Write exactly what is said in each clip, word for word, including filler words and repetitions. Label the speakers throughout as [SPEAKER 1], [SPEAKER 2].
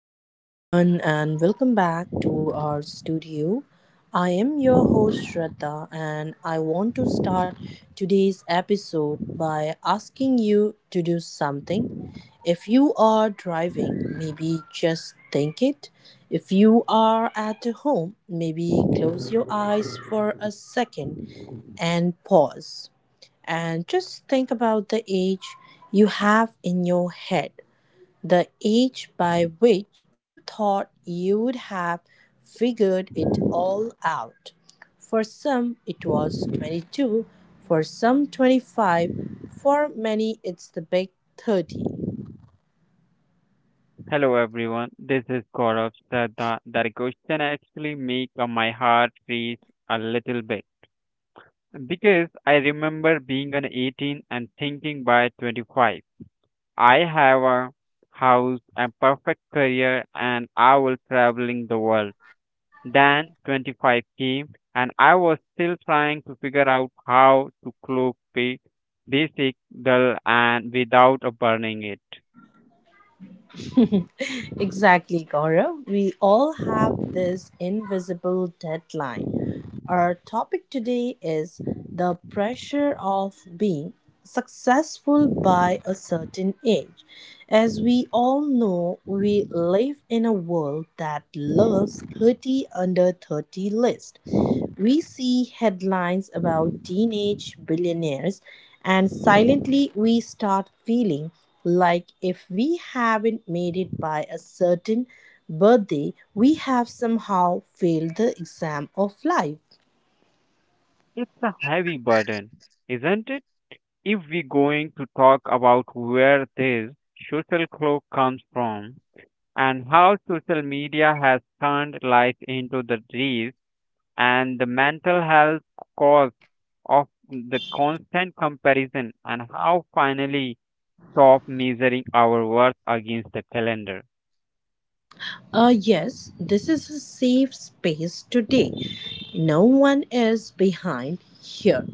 [SPEAKER 1] Hello, everyone, and welcome back to our studio. I am your host, Shraddha, and I want to start today's episode by asking you to do something. If you are driving, maybe just think it. If you are at home, maybe close your eyes for a second and pause and just think about the age you have in your head. The age by which you thought you'd have figured it all out. For some, it was twenty-two, for some, twenty-five, for many, it's the big thirty.
[SPEAKER 2] Hello everyone, this is Gaurav. So that, that question actually make uh, my heart race a little bit because I remember being an eighteen and thinking by twenty-five, I have a house, a perfect career, and I will traveling the world. Then twenty-five came and I was still trying to figure out how to cook ba- basic dull and without uh, burning it.
[SPEAKER 1] Exactly, Gaurav. We all have this invisible deadline. Our topic today is the pressure of being successful by a certain age. As we all know, we live in a world that loves thirty under thirty list. We see headlines about teenage billionaires, and silently we start feeling like if we haven't made it by a certain birthday, we have somehow failed the exam of life.
[SPEAKER 2] It's a heavy burden, isn't it? If we're going to talk about where this social cloak comes from and how social media has turned life into the disease and the mental health cause of the constant comparison and how finally stop measuring our worth against the calendar.
[SPEAKER 1] Uh, yes, this is a safe space today. No one is behind here.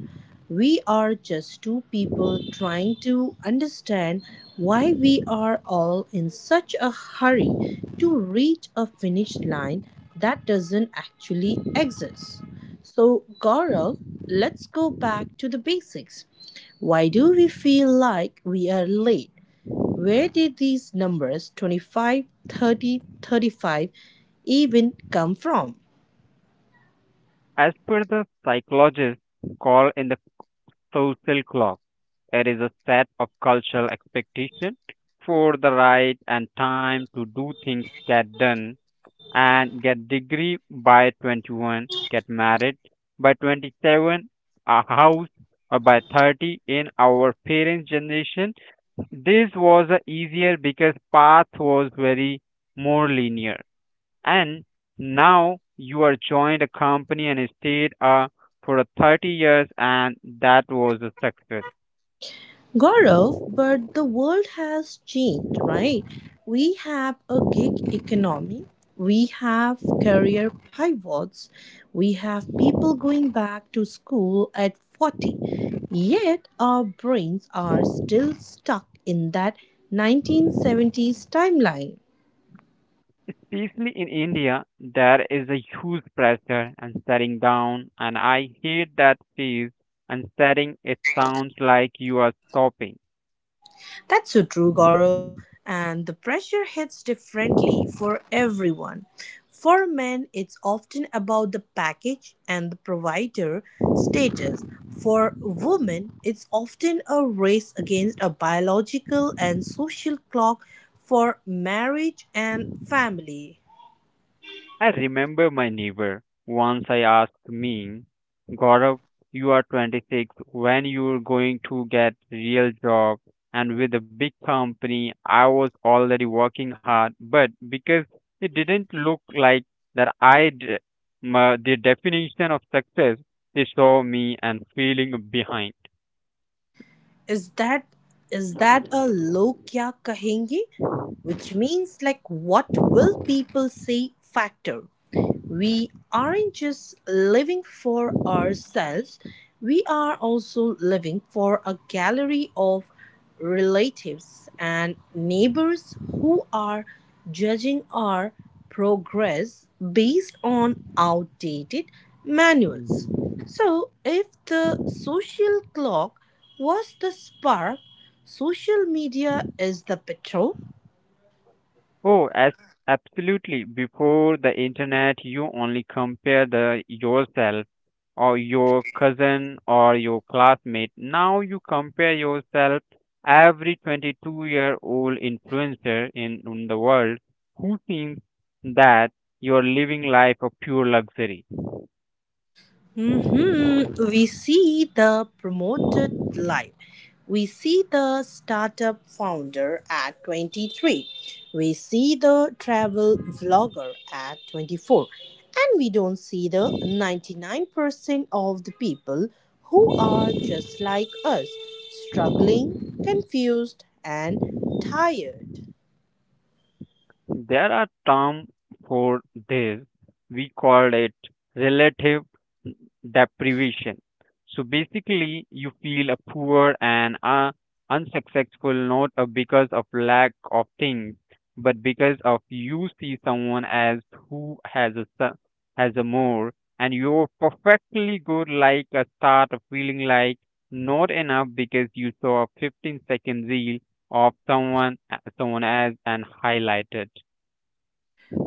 [SPEAKER 1] We are just two people trying to understand why we are all in such a hurry to reach a finish line that doesn't actually exist. So, Gaurav, let's go back to the basics. Why do we feel like we are late? Where did these numbers twenty-five, thirty, thirty-five, even come from?
[SPEAKER 2] As per the psychologists call in the social clock, it is a set of cultural expectation for the right and time to do things get done and get degree by twenty-one, get married by twenty-seven, a house uh, by thirty in our parents' generation. This was uh, easier because path was very more linear. And now you are joined a company and stayed uh, for a thirty years and that was a success.
[SPEAKER 1] Gaurav, but the world has changed, right? We have a gig economy, we have career pivots, we have people going back to school at forty. Yet our brains are still stuck in that nineteen seventies timeline.
[SPEAKER 2] Especially in India, there is a huge pressure and staring down, and I hate that phrase and staring. It sounds like you are stopping.
[SPEAKER 1] That's so true, Gaurav. And the pressure hits differently for everyone. For men, it's often about the package and the provider status. For women, it's often a race against a biological and social clock for marriage and family.
[SPEAKER 2] I remember my neighbor once I asked me, Gaurav, you are twenty-six, when you're going to get real job and with a big company, I was already working hard, but because it didn't look like that I d- my, the definition of success, they saw me and feeling behind.
[SPEAKER 1] is that is that a log kya kahenge, which means like what will people say factor. We aren't just living for ourselves, we are also living for a gallery of relatives and neighbors who are judging our progress based on outdated manuals. So if the social clock was the spark, social media is the petrol.
[SPEAKER 2] Oh, as absolutely. Before the internet, you only compare the yourself or your cousin or your classmate. Now you compare yourself every twenty-two-year-old influencer in, in the world who thinks that you're living life of pure luxury.
[SPEAKER 1] Mhm. We see the promoted life. We see the startup founder at twenty-three. We see the travel vlogger at twenty-four. And we don't see the ninety-nine percent of the people who are just like us, struggling, confused, and tired.
[SPEAKER 2] There are term for this. We call it relative deprivation. So basically, you feel a poor and uh, unsuccessful not uh, because of lack of things, but because of you see someone as who has a su- has a more, and you're perfectly good. Like a start of feeling like not enough because you saw a fifteen second reel of someone someone as and highlighted.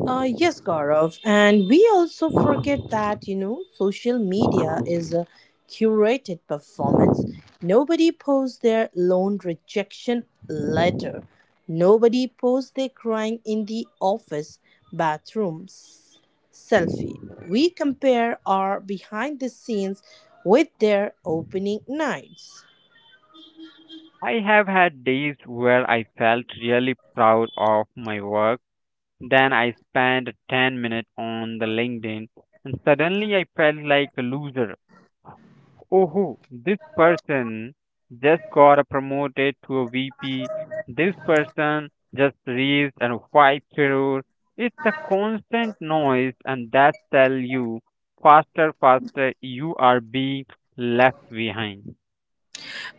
[SPEAKER 1] Uh, yes, Gaurav. And we also forget that, you know, social media is a curated performance. Nobody posts their loan rejection letter. Nobody posts their crying in the office bathrooms selfie. We compare our behind the scenes with their opening nights.
[SPEAKER 2] I have had days where I felt really proud of my work. Then I spent ten minutes on the LinkedIn and suddenly I felt like a loser. Oh, this person just got promoted to a V P. This person just raised a five crore. It's a constant noise and that tell you faster, faster you are being left behind.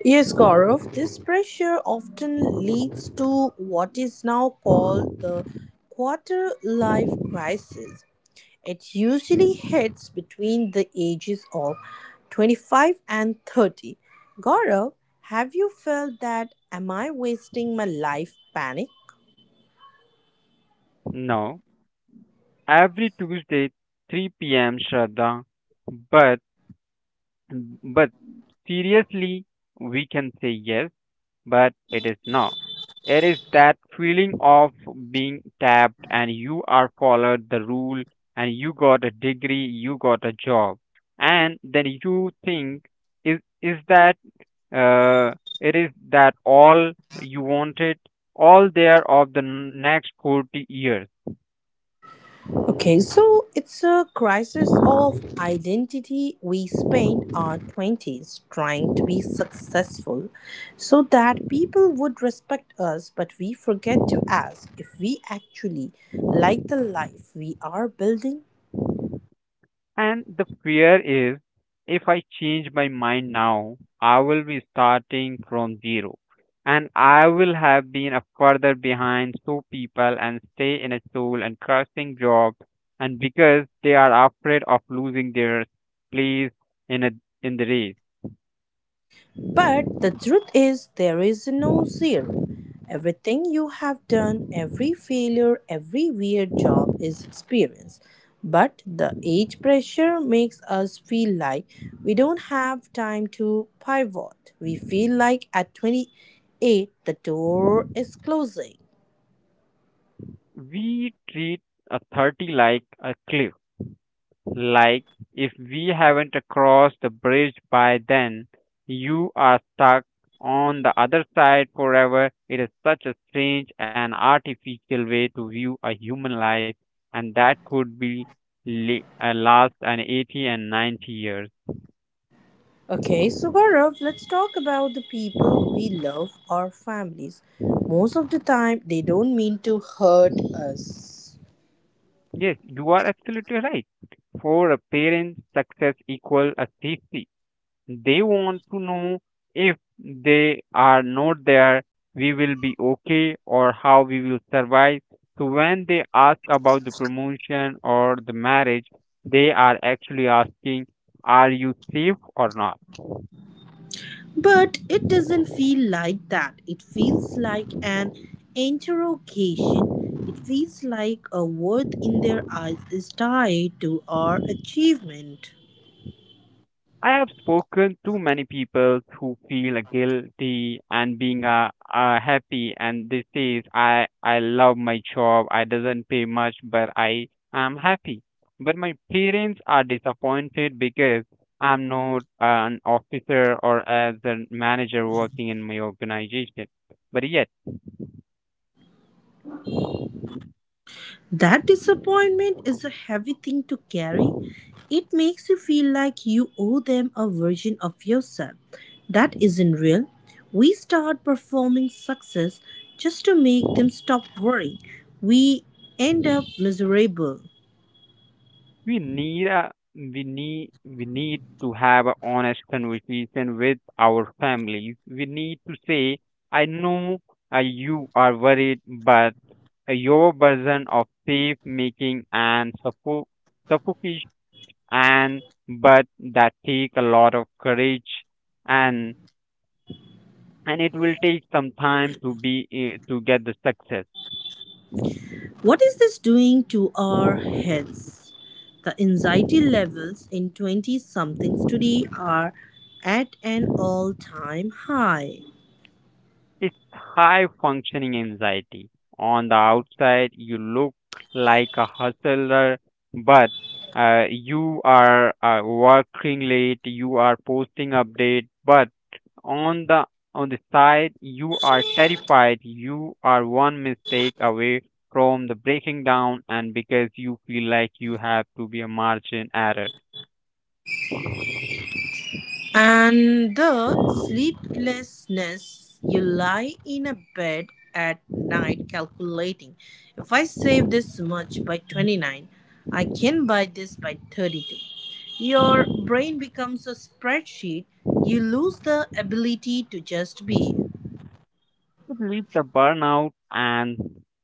[SPEAKER 1] Yes, Gaurav, this pressure often leads to what is now called the quarter life crisis. It usually hits between the ages of twenty-five and thirty. Gaurav, have you felt that am I wasting my life panic?
[SPEAKER 2] No. Every Tuesday, three p m. Shraddha. But but seriously, we can say yes, but it is no. It is that feeling of being tapped and you are followed the rule and you got a degree, you got a job, and then you think is is that uh, it is that all you wanted all there of the n- next forty years.
[SPEAKER 1] Okay, so it's a crisis of identity. We spent our twenties trying to be successful so that people would respect us, but we forget to ask if we actually like the life we are building.
[SPEAKER 2] And the fear is if I change my mind now, I will be starting from zero and I will have been a further behind so people and stay in a school and cursing job and because they are afraid of losing their place in a in the race.
[SPEAKER 1] But the truth is, there is no zero. Everything you have done, every failure, every weird job is experience. But the age pressure makes us feel like we don't have time to pivot. We feel like at twenty-eight, the door is closing.
[SPEAKER 2] We treat a thirty like a cliff. Like, if we haven't crossed the bridge by then, you are stuck on the other side forever. It is such a strange and artificial way to view a human life, and that could be li- uh, last an eighty and ninety years.
[SPEAKER 1] Okay, so Gaurav, let's talk about the people we love, our families. Most of the time, they don't mean to hurt us.
[SPEAKER 2] Yes, you are absolutely right. For a parent, success equals a safety. They want to know if they are not there, we will be okay or how we will survive. So when they ask about the promotion or the marriage, they are actually asking, are you safe or not?
[SPEAKER 1] But it doesn't feel like that. It feels like an interrogation. It feels like a worth in their eyes is tied to our achievement.
[SPEAKER 2] I have spoken to many people who feel guilty and being uh, uh, happy, and they says, "I I love my job. I doesn't pay much, but I am happy." But my parents are disappointed because I'm not an officer or as a manager working in my organization. But yet
[SPEAKER 1] That disappointment is a heavy thing to carry. It makes you feel like you owe them a version of yourself that isn't real. We start performing success just to make them stop worrying. We end up miserable.
[SPEAKER 2] we need a we need we need to have a honest conversation with our families we need to say I know, uh, you are worried but your version of safe making and suffo- suffocation and but that take a lot of courage and and it will take some time to be eh, to get the success.
[SPEAKER 1] What is this doing to our heads? The anxiety levels in twenty somethings today are at an all time high.
[SPEAKER 2] It's high functioning anxiety. On the outside, you look like a hustler, but uh, you are uh, working late, you are posting update, but on the on the side, you are terrified. You are one mistake away from the breaking down, and because you feel like you have to be a margin error,
[SPEAKER 1] And the sleeplessness, you lie in a bed at night calculating if I save this much by twenty-nine, I can buy this by thirty-two. Your brain becomes a spreadsheet. You lose the ability to just be.
[SPEAKER 2] it leads the burnout and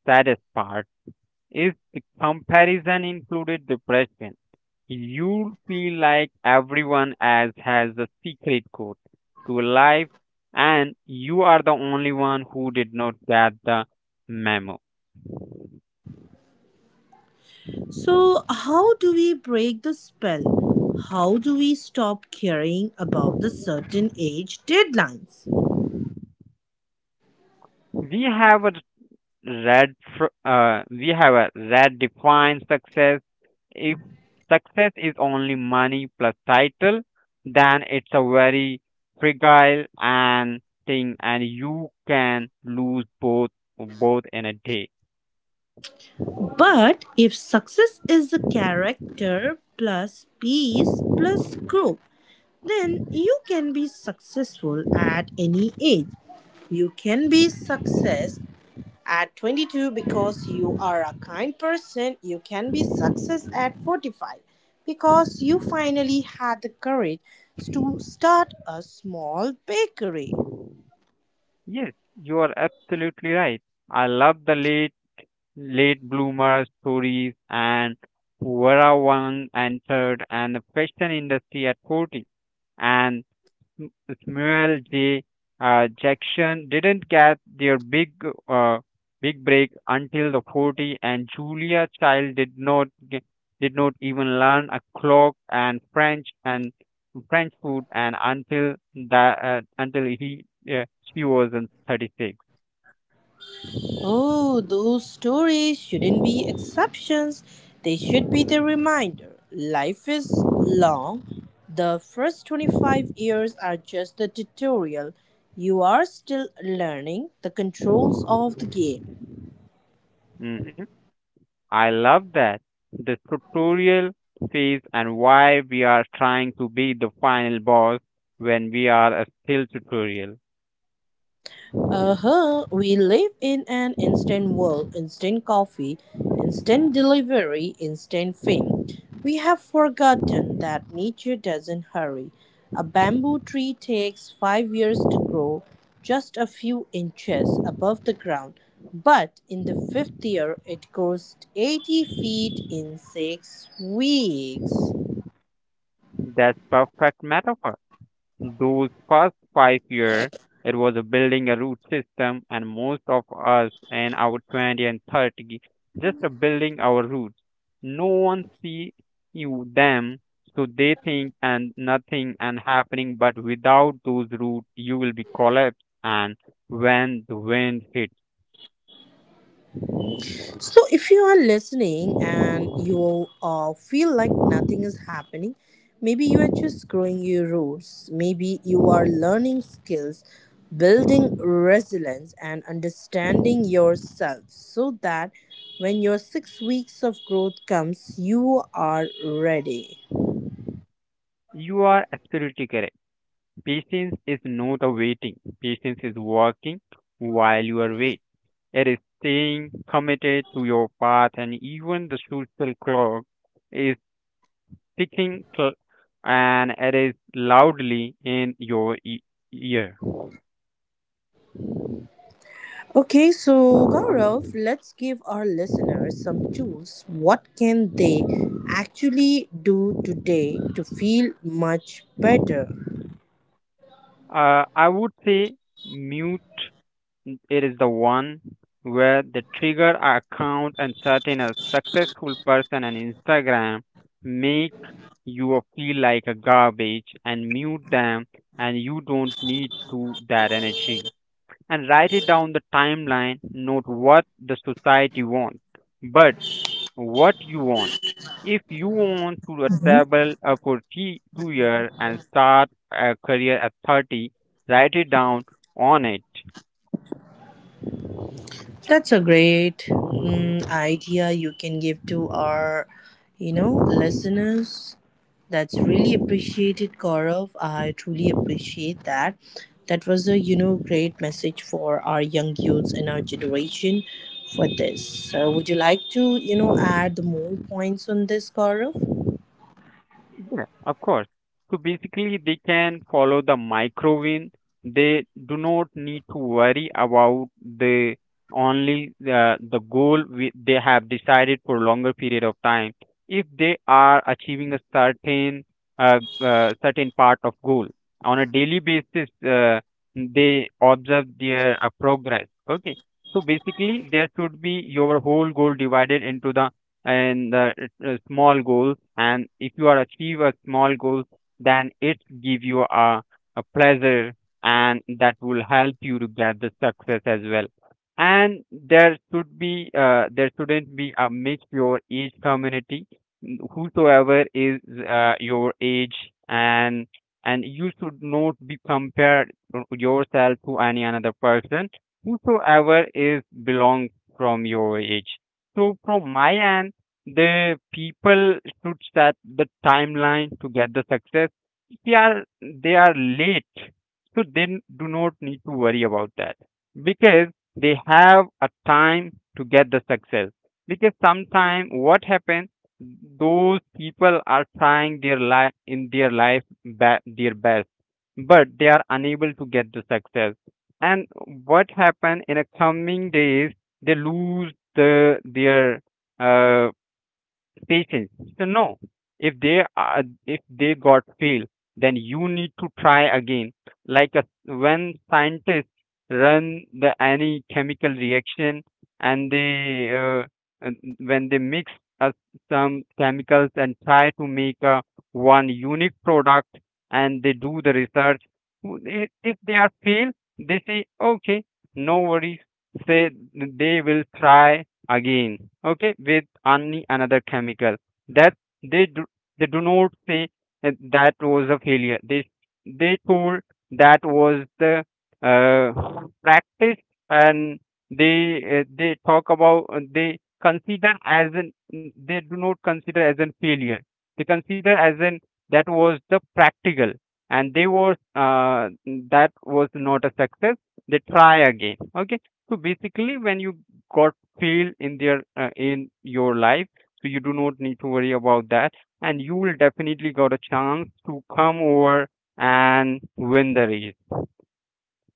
[SPEAKER 2] saddest part. If the comparison included depression, you'd feel like everyone else has a secret code to life and you are the only one who did not get the memo.
[SPEAKER 1] So, how do we break the spell? How do we stop caring about the certain age deadlines?
[SPEAKER 2] We have a Red, fr- uh, we have a red defines success. If success is only money plus title, then it's a very fragile and thing, and you can lose both both in a day.
[SPEAKER 1] But if success is the character plus peace plus growth, then you can be successful at any age. You can be success at twenty-two, because you are a kind person. You can be success at forty-five because you finally had the courage to start a small bakery.
[SPEAKER 2] Yes, you are absolutely right. I love the late late bloomer stories and where one entered and the fashion industry at forty and M- Samuel J. Uh, Jackson didn't get their big uh, big break until the forty, and Julia Child did not ge- did not even learn a clock and French and French food and until that uh, until he uh, she was in thirty-six.
[SPEAKER 1] Oh, those stories shouldn't be exceptions. They should be the reminder. Life is long. The first twenty-five years are just the tutorial. You are still learning the controls of the game.
[SPEAKER 2] Mhm. I love that the tutorial phase and why we are trying to be the final boss when we are uh, still tutorial.
[SPEAKER 1] Uh huh. We live in an instant world, instant coffee, instant delivery, instant fame. We have forgotten that nature doesn't hurry. A bamboo tree takes five years to grow, just a few inches above the ground. But in the fifth year, it grows eighty feet in six weeks.
[SPEAKER 2] That's perfect metaphor. Those first five years, it was a building a root system, and most of us in our twenty and thirty, just a building our roots. No one see you them, so they think and nothing and happening. But without those roots, you will be collapsed. And when the wind hits,
[SPEAKER 1] So, if you are listening and you uh, feel like nothing is happening, maybe you are just growing your roots, maybe you are learning skills, building resilience, and understanding yourself so that when your six weeks of growth comes, you are ready.
[SPEAKER 2] you are absolutely correct. Patience is not a waiting. Patience is working while you are wait. It is staying committed to your path, and even the social clock is ticking, cl- and it is loudly in your e- ear.
[SPEAKER 1] Okay, so Gaurav, let's give our listeners some tools. What can they actually do today to feel much better?
[SPEAKER 2] Uh, I would say mute. It is the one where the trigger account and certain a successful person on Instagram make you feel like a garbage and mute them and you don't need to that energy. And write it down the timeline, not what the society wants, but what you want. If you want to uh, travel uh, for three, two years and start a career at thirty, write it down on it.
[SPEAKER 1] That's a great mm, idea you can give to our, you know, listeners. That's really appreciated, Gaurav. I truly appreciate that. That was a, you know, great message for our young youths in our generation for this. So would you like to, you know, add more points on this, Gaurav?
[SPEAKER 2] Yeah, of course. So basically, they can follow the microwave. They do not need to worry about the only the, the goal we, they have decided for longer period of time. If they are achieving a certain uh, uh, certain part of goal on a daily basis, uh, they observe their uh, progress. Okay, so basically, there should be your whole goal divided into the and the uh, small goals and if you are achieve a small goal then it give you a, a pleasure and that will help you to get the success as well and there should be uh, there shouldn't be a mix your age community, n- whosoever is uh, your age and and you should not be compared to yourself to any another person whosoever is belong from your age so from my end the people should set the timeline to get the success. If they are they are late, so they n- do not need to worry about that because they have a time to get the success. Because sometime what happens, those people are trying their life in their life ba- their best, but they are unable to get the success. And what happen in a coming days, they lose the their uh, patience to know if they are if they got fail then you need to try again like a, when scientists run the any chemical reaction and they uh, and when they mix uh, some chemicals and try to make a one unique product and they do the research, w- i- if they are fail they say okay, no worries, say they will try again okay with any another chemical that they do they do not say that that was a failure, they they told that was the uh, practice and they uh, they talk about uh, they consider as an, they do not consider as a failure, they consider as an that was the practical and they was uh, that was not a success, they try again okay. So basically when you got failed in their uh, in your life, so you do not need to worry about that and you will definitely got a chance to come over and win the race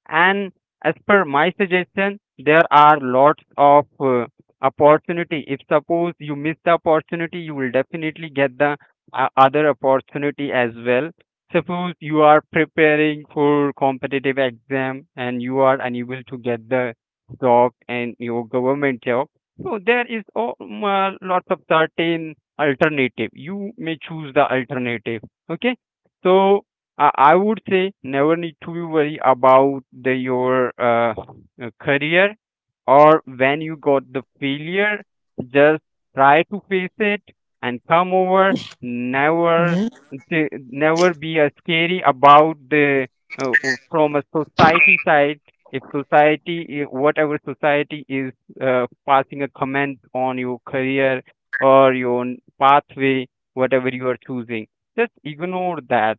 [SPEAKER 2] and as per my suggestion there are lots of uh, opportunity, if suppose you miss the opportunity you will definitely get the uh, other opportunity as well. Suppose you are preparing for competitive exam and you are unable to get the job and your government job, so there is o- m- uh, lots of certain alternative, you may choose the alternative okay. So I I would say never need to be worry about the your uh, uh, career or when you got the failure. Just try to face it and come over. Never th- never be uh, scary about the uh, uh, from a society side. If society, i- whatever society is uh, passing a comment on your career or your pathway, whatever you are choosing, just ignore that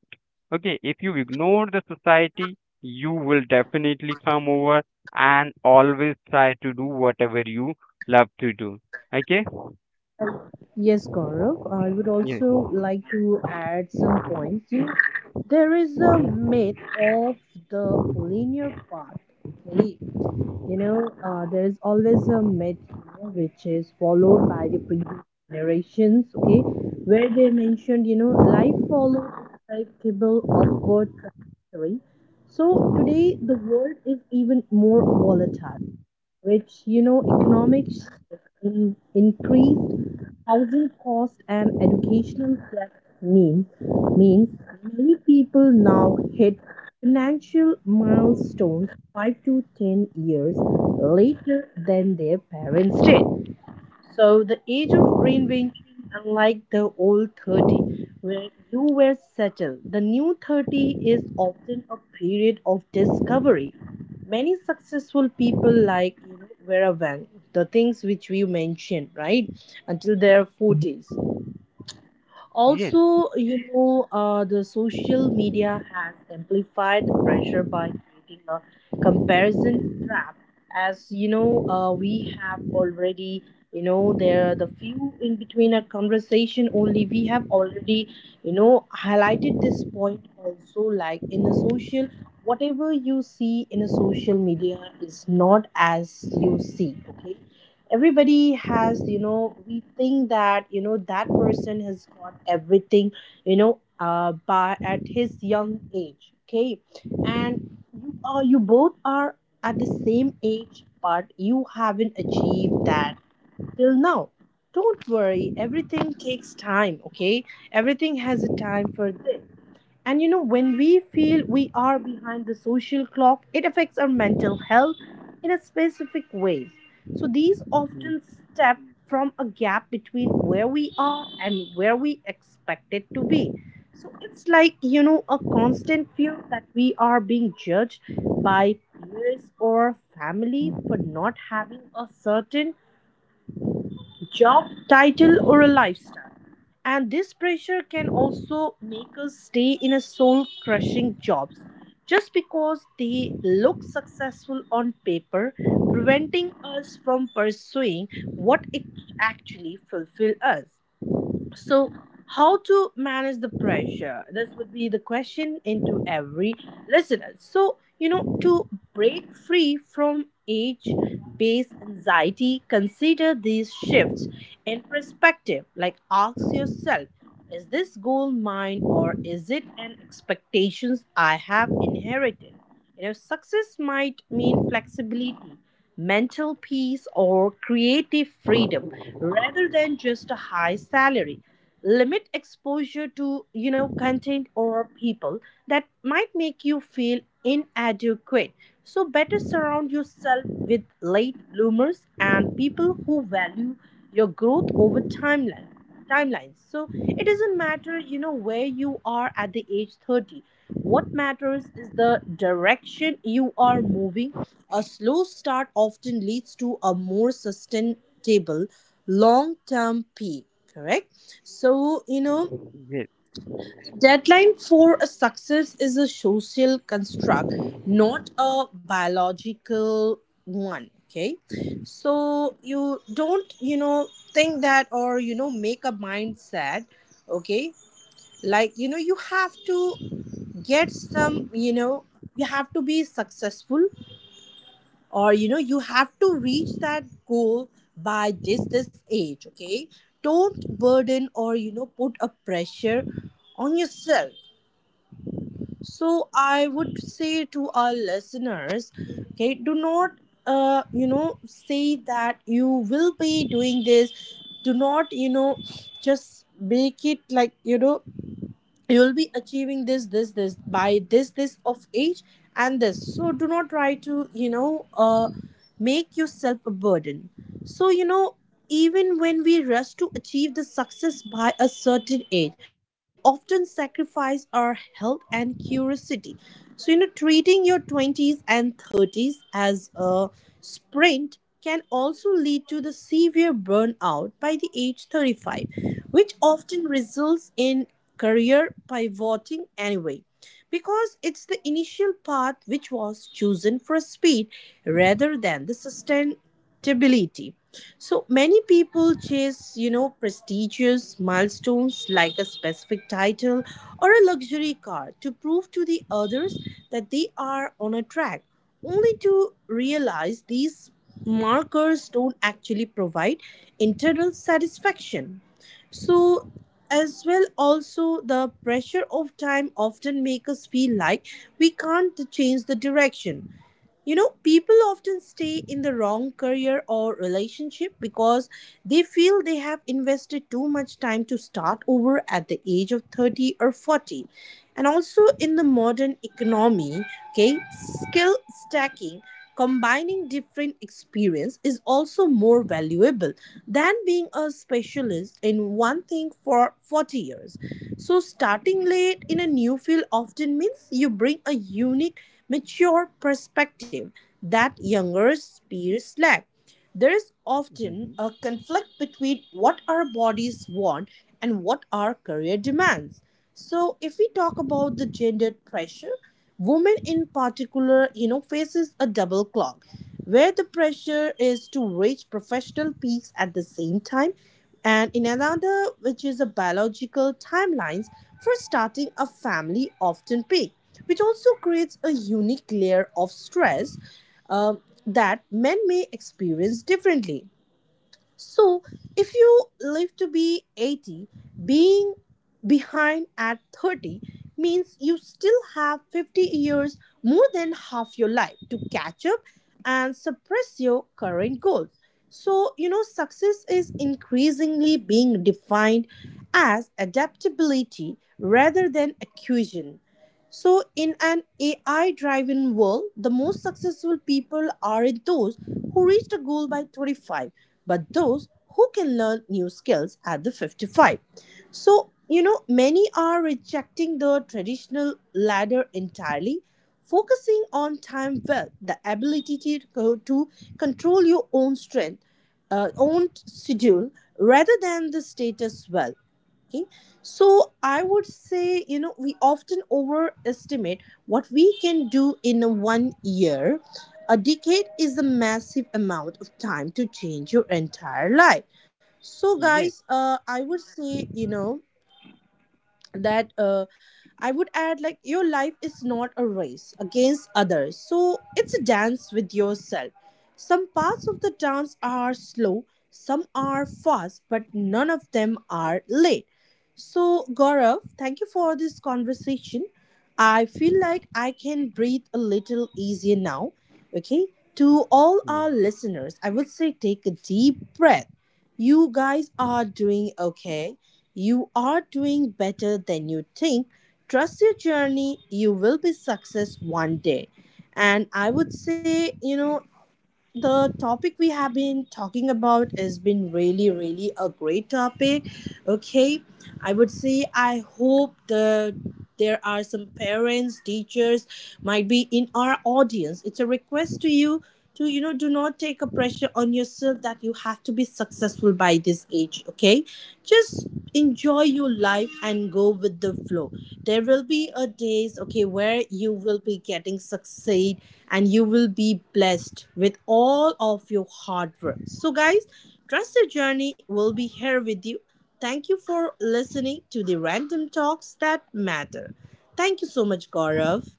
[SPEAKER 2] okay, if you ignore the society you will definitely come over and always try to do whatever you love to do okay.
[SPEAKER 1] Yes, Gaurav, I would
[SPEAKER 2] Yes,
[SPEAKER 1] also like to add some points here. There is a myth of the linear path. Okay? You know, uh, there is always a myth, you know, which is followed by the previous generations, okay, where they mentioned, you know, life follows a predictable upward trajectory. So today, the world is even more volatile, which, you know, economics in increased housing cost and educational debt mean means many people now hit financial milestones five to ten years later than their parents did. So the age of reinvention, unlike the old thirty, where you were settled, the new thirty is often a period of discovery. Many successful people, like, you know, were aware of the things which we mentioned, right? Until their forties.
[SPEAKER 2] yes. Yes,
[SPEAKER 1] Also, you know, uh, the social media has amplified the pressure by creating a comparison trap. As you know, uh, we have already, you know, there are the few in between our conversation only. We have already, you know, highlighted this point also. Like in a social, whatever you see in a social media is not as you see. Okay, everybody has, you know, we think that, you know, that person has got everything, you know, uh by at his young age, okay, and you are you both are at the same age, but you haven't achieved that till now. Don't worry, everything takes time, okay, everything has a time for this. And you know, when we feel we are behind the social clock, it affects our mental health in a specific ways. So these often
[SPEAKER 2] yes.
[SPEAKER 1] step from a gap between where we are and where we expect it to be. So it's like, you know, a constant fear that we are being judged by peers or family for not having a certain job title or a lifestyle. And this pressure can also make us stay in a soul crushing jobs just because they look successful on paper, preventing us from pursuing what it actually fulfills us. So how to manage the pressure, this would be the question into every listener. So, you know, to break free from age based anxiety, consider these shifts in perspective. Like, ask yourself, is this goal mine or is it an expectations I have inherited? You know, success might mean flexibility, mental peace, or creative freedom rather than just a high salary. Limit exposure to, you know, content or people that might make you feel inadequate. So better surround yourself with late bloomers and people who value your growth over timeline timelines. So it doesn't matter, you know, where you are at the age thirty. What matters is the direction you are moving. A slow start often leads to a more sustainable long term peak, correct? So, you know, deadline for a success is a social construct, not a biological one, okay? So, you don't, you know, think that or, you know, make a mindset, okay? Like, you know, you have to get some, you know, you have to be successful or you know you have to reach that goal by this this age, okay? Don't burden or you know put a pressure on yourself. So I would say to our listeners, okay, do not uh you know say that you will be doing this. Do not, you know just make it like, you know you'll be achieving this this this by this this of age and this. So do not try to you know uh make yourself a burden. so you know Even when we rush to achieve the success by a certain age, we often sacrifice our health and curiosity. So you know treating your twenties and thirties as a sprint can also lead to the severe burnout by the age thirty-five, which often results in career pivoting anyway, because it's the initial path which was chosen for speed rather than the sustainability. So many people chase, you know, prestigious milestones like a specific title or a luxury car to prove to the others that they are on a track, only to realize these markers don't actually provide internal satisfaction. So as well also the pressure of time often make us feel like we can't change the direction. You know, people often stay in the wrong career or relationship because they feel they have invested too much time to start over at the age of thirty or forty. And also in the modern economy, okay, skill stacking, combining different experience is also more valuable than being a specialist in one thing for forty years. So starting late in a new field often means you bring a unique mature perspective that younger peers lack. There is often
[SPEAKER 2] Mhm.
[SPEAKER 1] a conflict between what our bodies want and what our career demands. So, if we talk about the gender pressure, women in particular, you know, faces a double clock where the pressure is to reach professional peaks at the same time, and in another which is a biological timelines for starting a family often peak, which also creates a unique layer of stress um, that men may experience differently. So, if you live to be eighty, being behind at thirty means you still have fifty years, more than half your life, to catch up and suppress your current goals. So, you know, success is increasingly being defined as adaptability rather than accusation. So, in an A I driven world, the most successful people are those who reached a goal by twenty-five, but those who can learn new skills at the fifty-five. So, you know, many are rejecting the traditional ladder entirely, focusing on time well, the ability to, co- to control your own strength, uh, own schedule, rather than the status wealth. Okay, so I would say, you know, we often overestimate what we can do in a one year. A decade is a massive amount of time to change your entire life. So,
[SPEAKER 2] Yes.
[SPEAKER 1] guys, uh, I would say, you know, that uh, I would add, like, your life is not a race against others. So it's a dance with yourself. Some parts of the dance are slow, some are fast, but none of them are late. So, Gaurav, thank you for this conversation. I feel like I can breathe a little easier now. Okay. To all
[SPEAKER 2] Mm-hmm.
[SPEAKER 1] our listeners, I would say take a deep breath. You guys are doing okay, you are doing better than you think. Trust your journey. You will be success one day. And I would say, you know, the topic we have been talking about has been really, really a great topic. Okay. I would say I hope the there are some parents, teachers might be in our audience. It's a request to you to you know do not take a pressure on yourself that you have to be successful by this age, okay? Just enjoy your life and go with the flow. There will be a days, okay, where you will be getting succeed and you will be blessed with all of your hard work. So guys, trust the journey will be here with you. Thank you for listening to the random talks that matter. Thank you so much, Gaurav.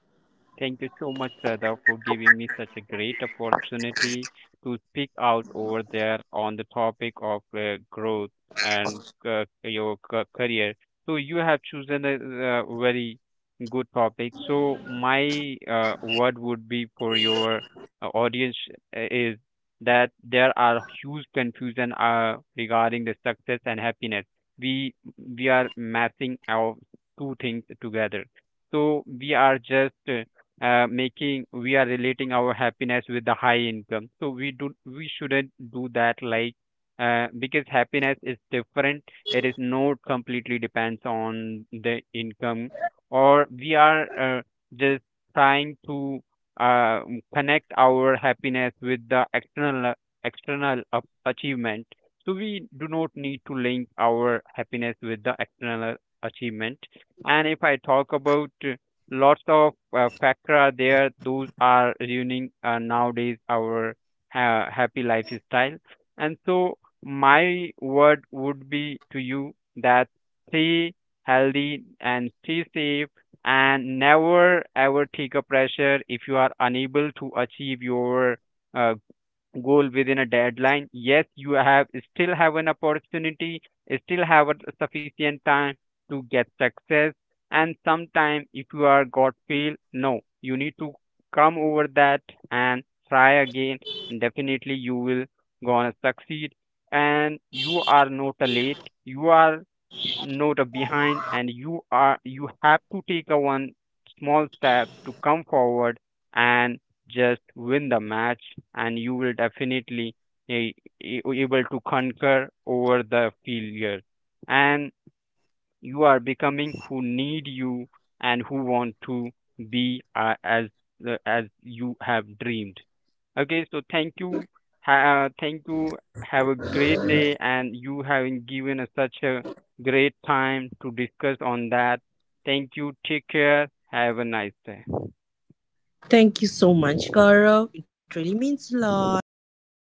[SPEAKER 2] Thank you so much, Sada, for giving me such a great opportunity to speak out over there on the topic of uh, growth and uh, your ca- career. So you have chosen a, a very good topic. So my uh, word would be for your uh, audience uh, is that there are huge confusion uh, regarding the success and happiness. We we are massing our two things together. So we are just uh, uh, making, we are relating our happiness with the high income, so we do we shouldn't do that like, uh, because happiness is different, it is not completely depends on the income, or we are uh, just trying to uh, connect our happiness with the external uh, external up achievement, so we do not need to link our happiness with the external achievement. And if I talk about lots of uh, factor are there. Those are ruining uh, nowadays our ha- happy lifestyle. And so my word would be to you that stay healthy and stay safe and never ever take a pressure if you are unable to achieve your uh, goal within a deadline, yes you have, still have an opportunity, still have a sufficient time to get success, and sometime if you are got fail, no, you need to come over that and try again, definitely you will gonna succeed and you are not a late, you are not a behind, and you are you have to take a one small step to come forward and just win the match and you will definitely a- a- able to conquer over the failure and you are becoming who need you and who want to be uh, as the as you have dreamed okay so thank you, ha- uh, thank you, have a great day and you having given us such a great time to discuss on that, thank you, take care, have a nice day.
[SPEAKER 1] Thank you so much, Gaurav. It really means a lot. Take care.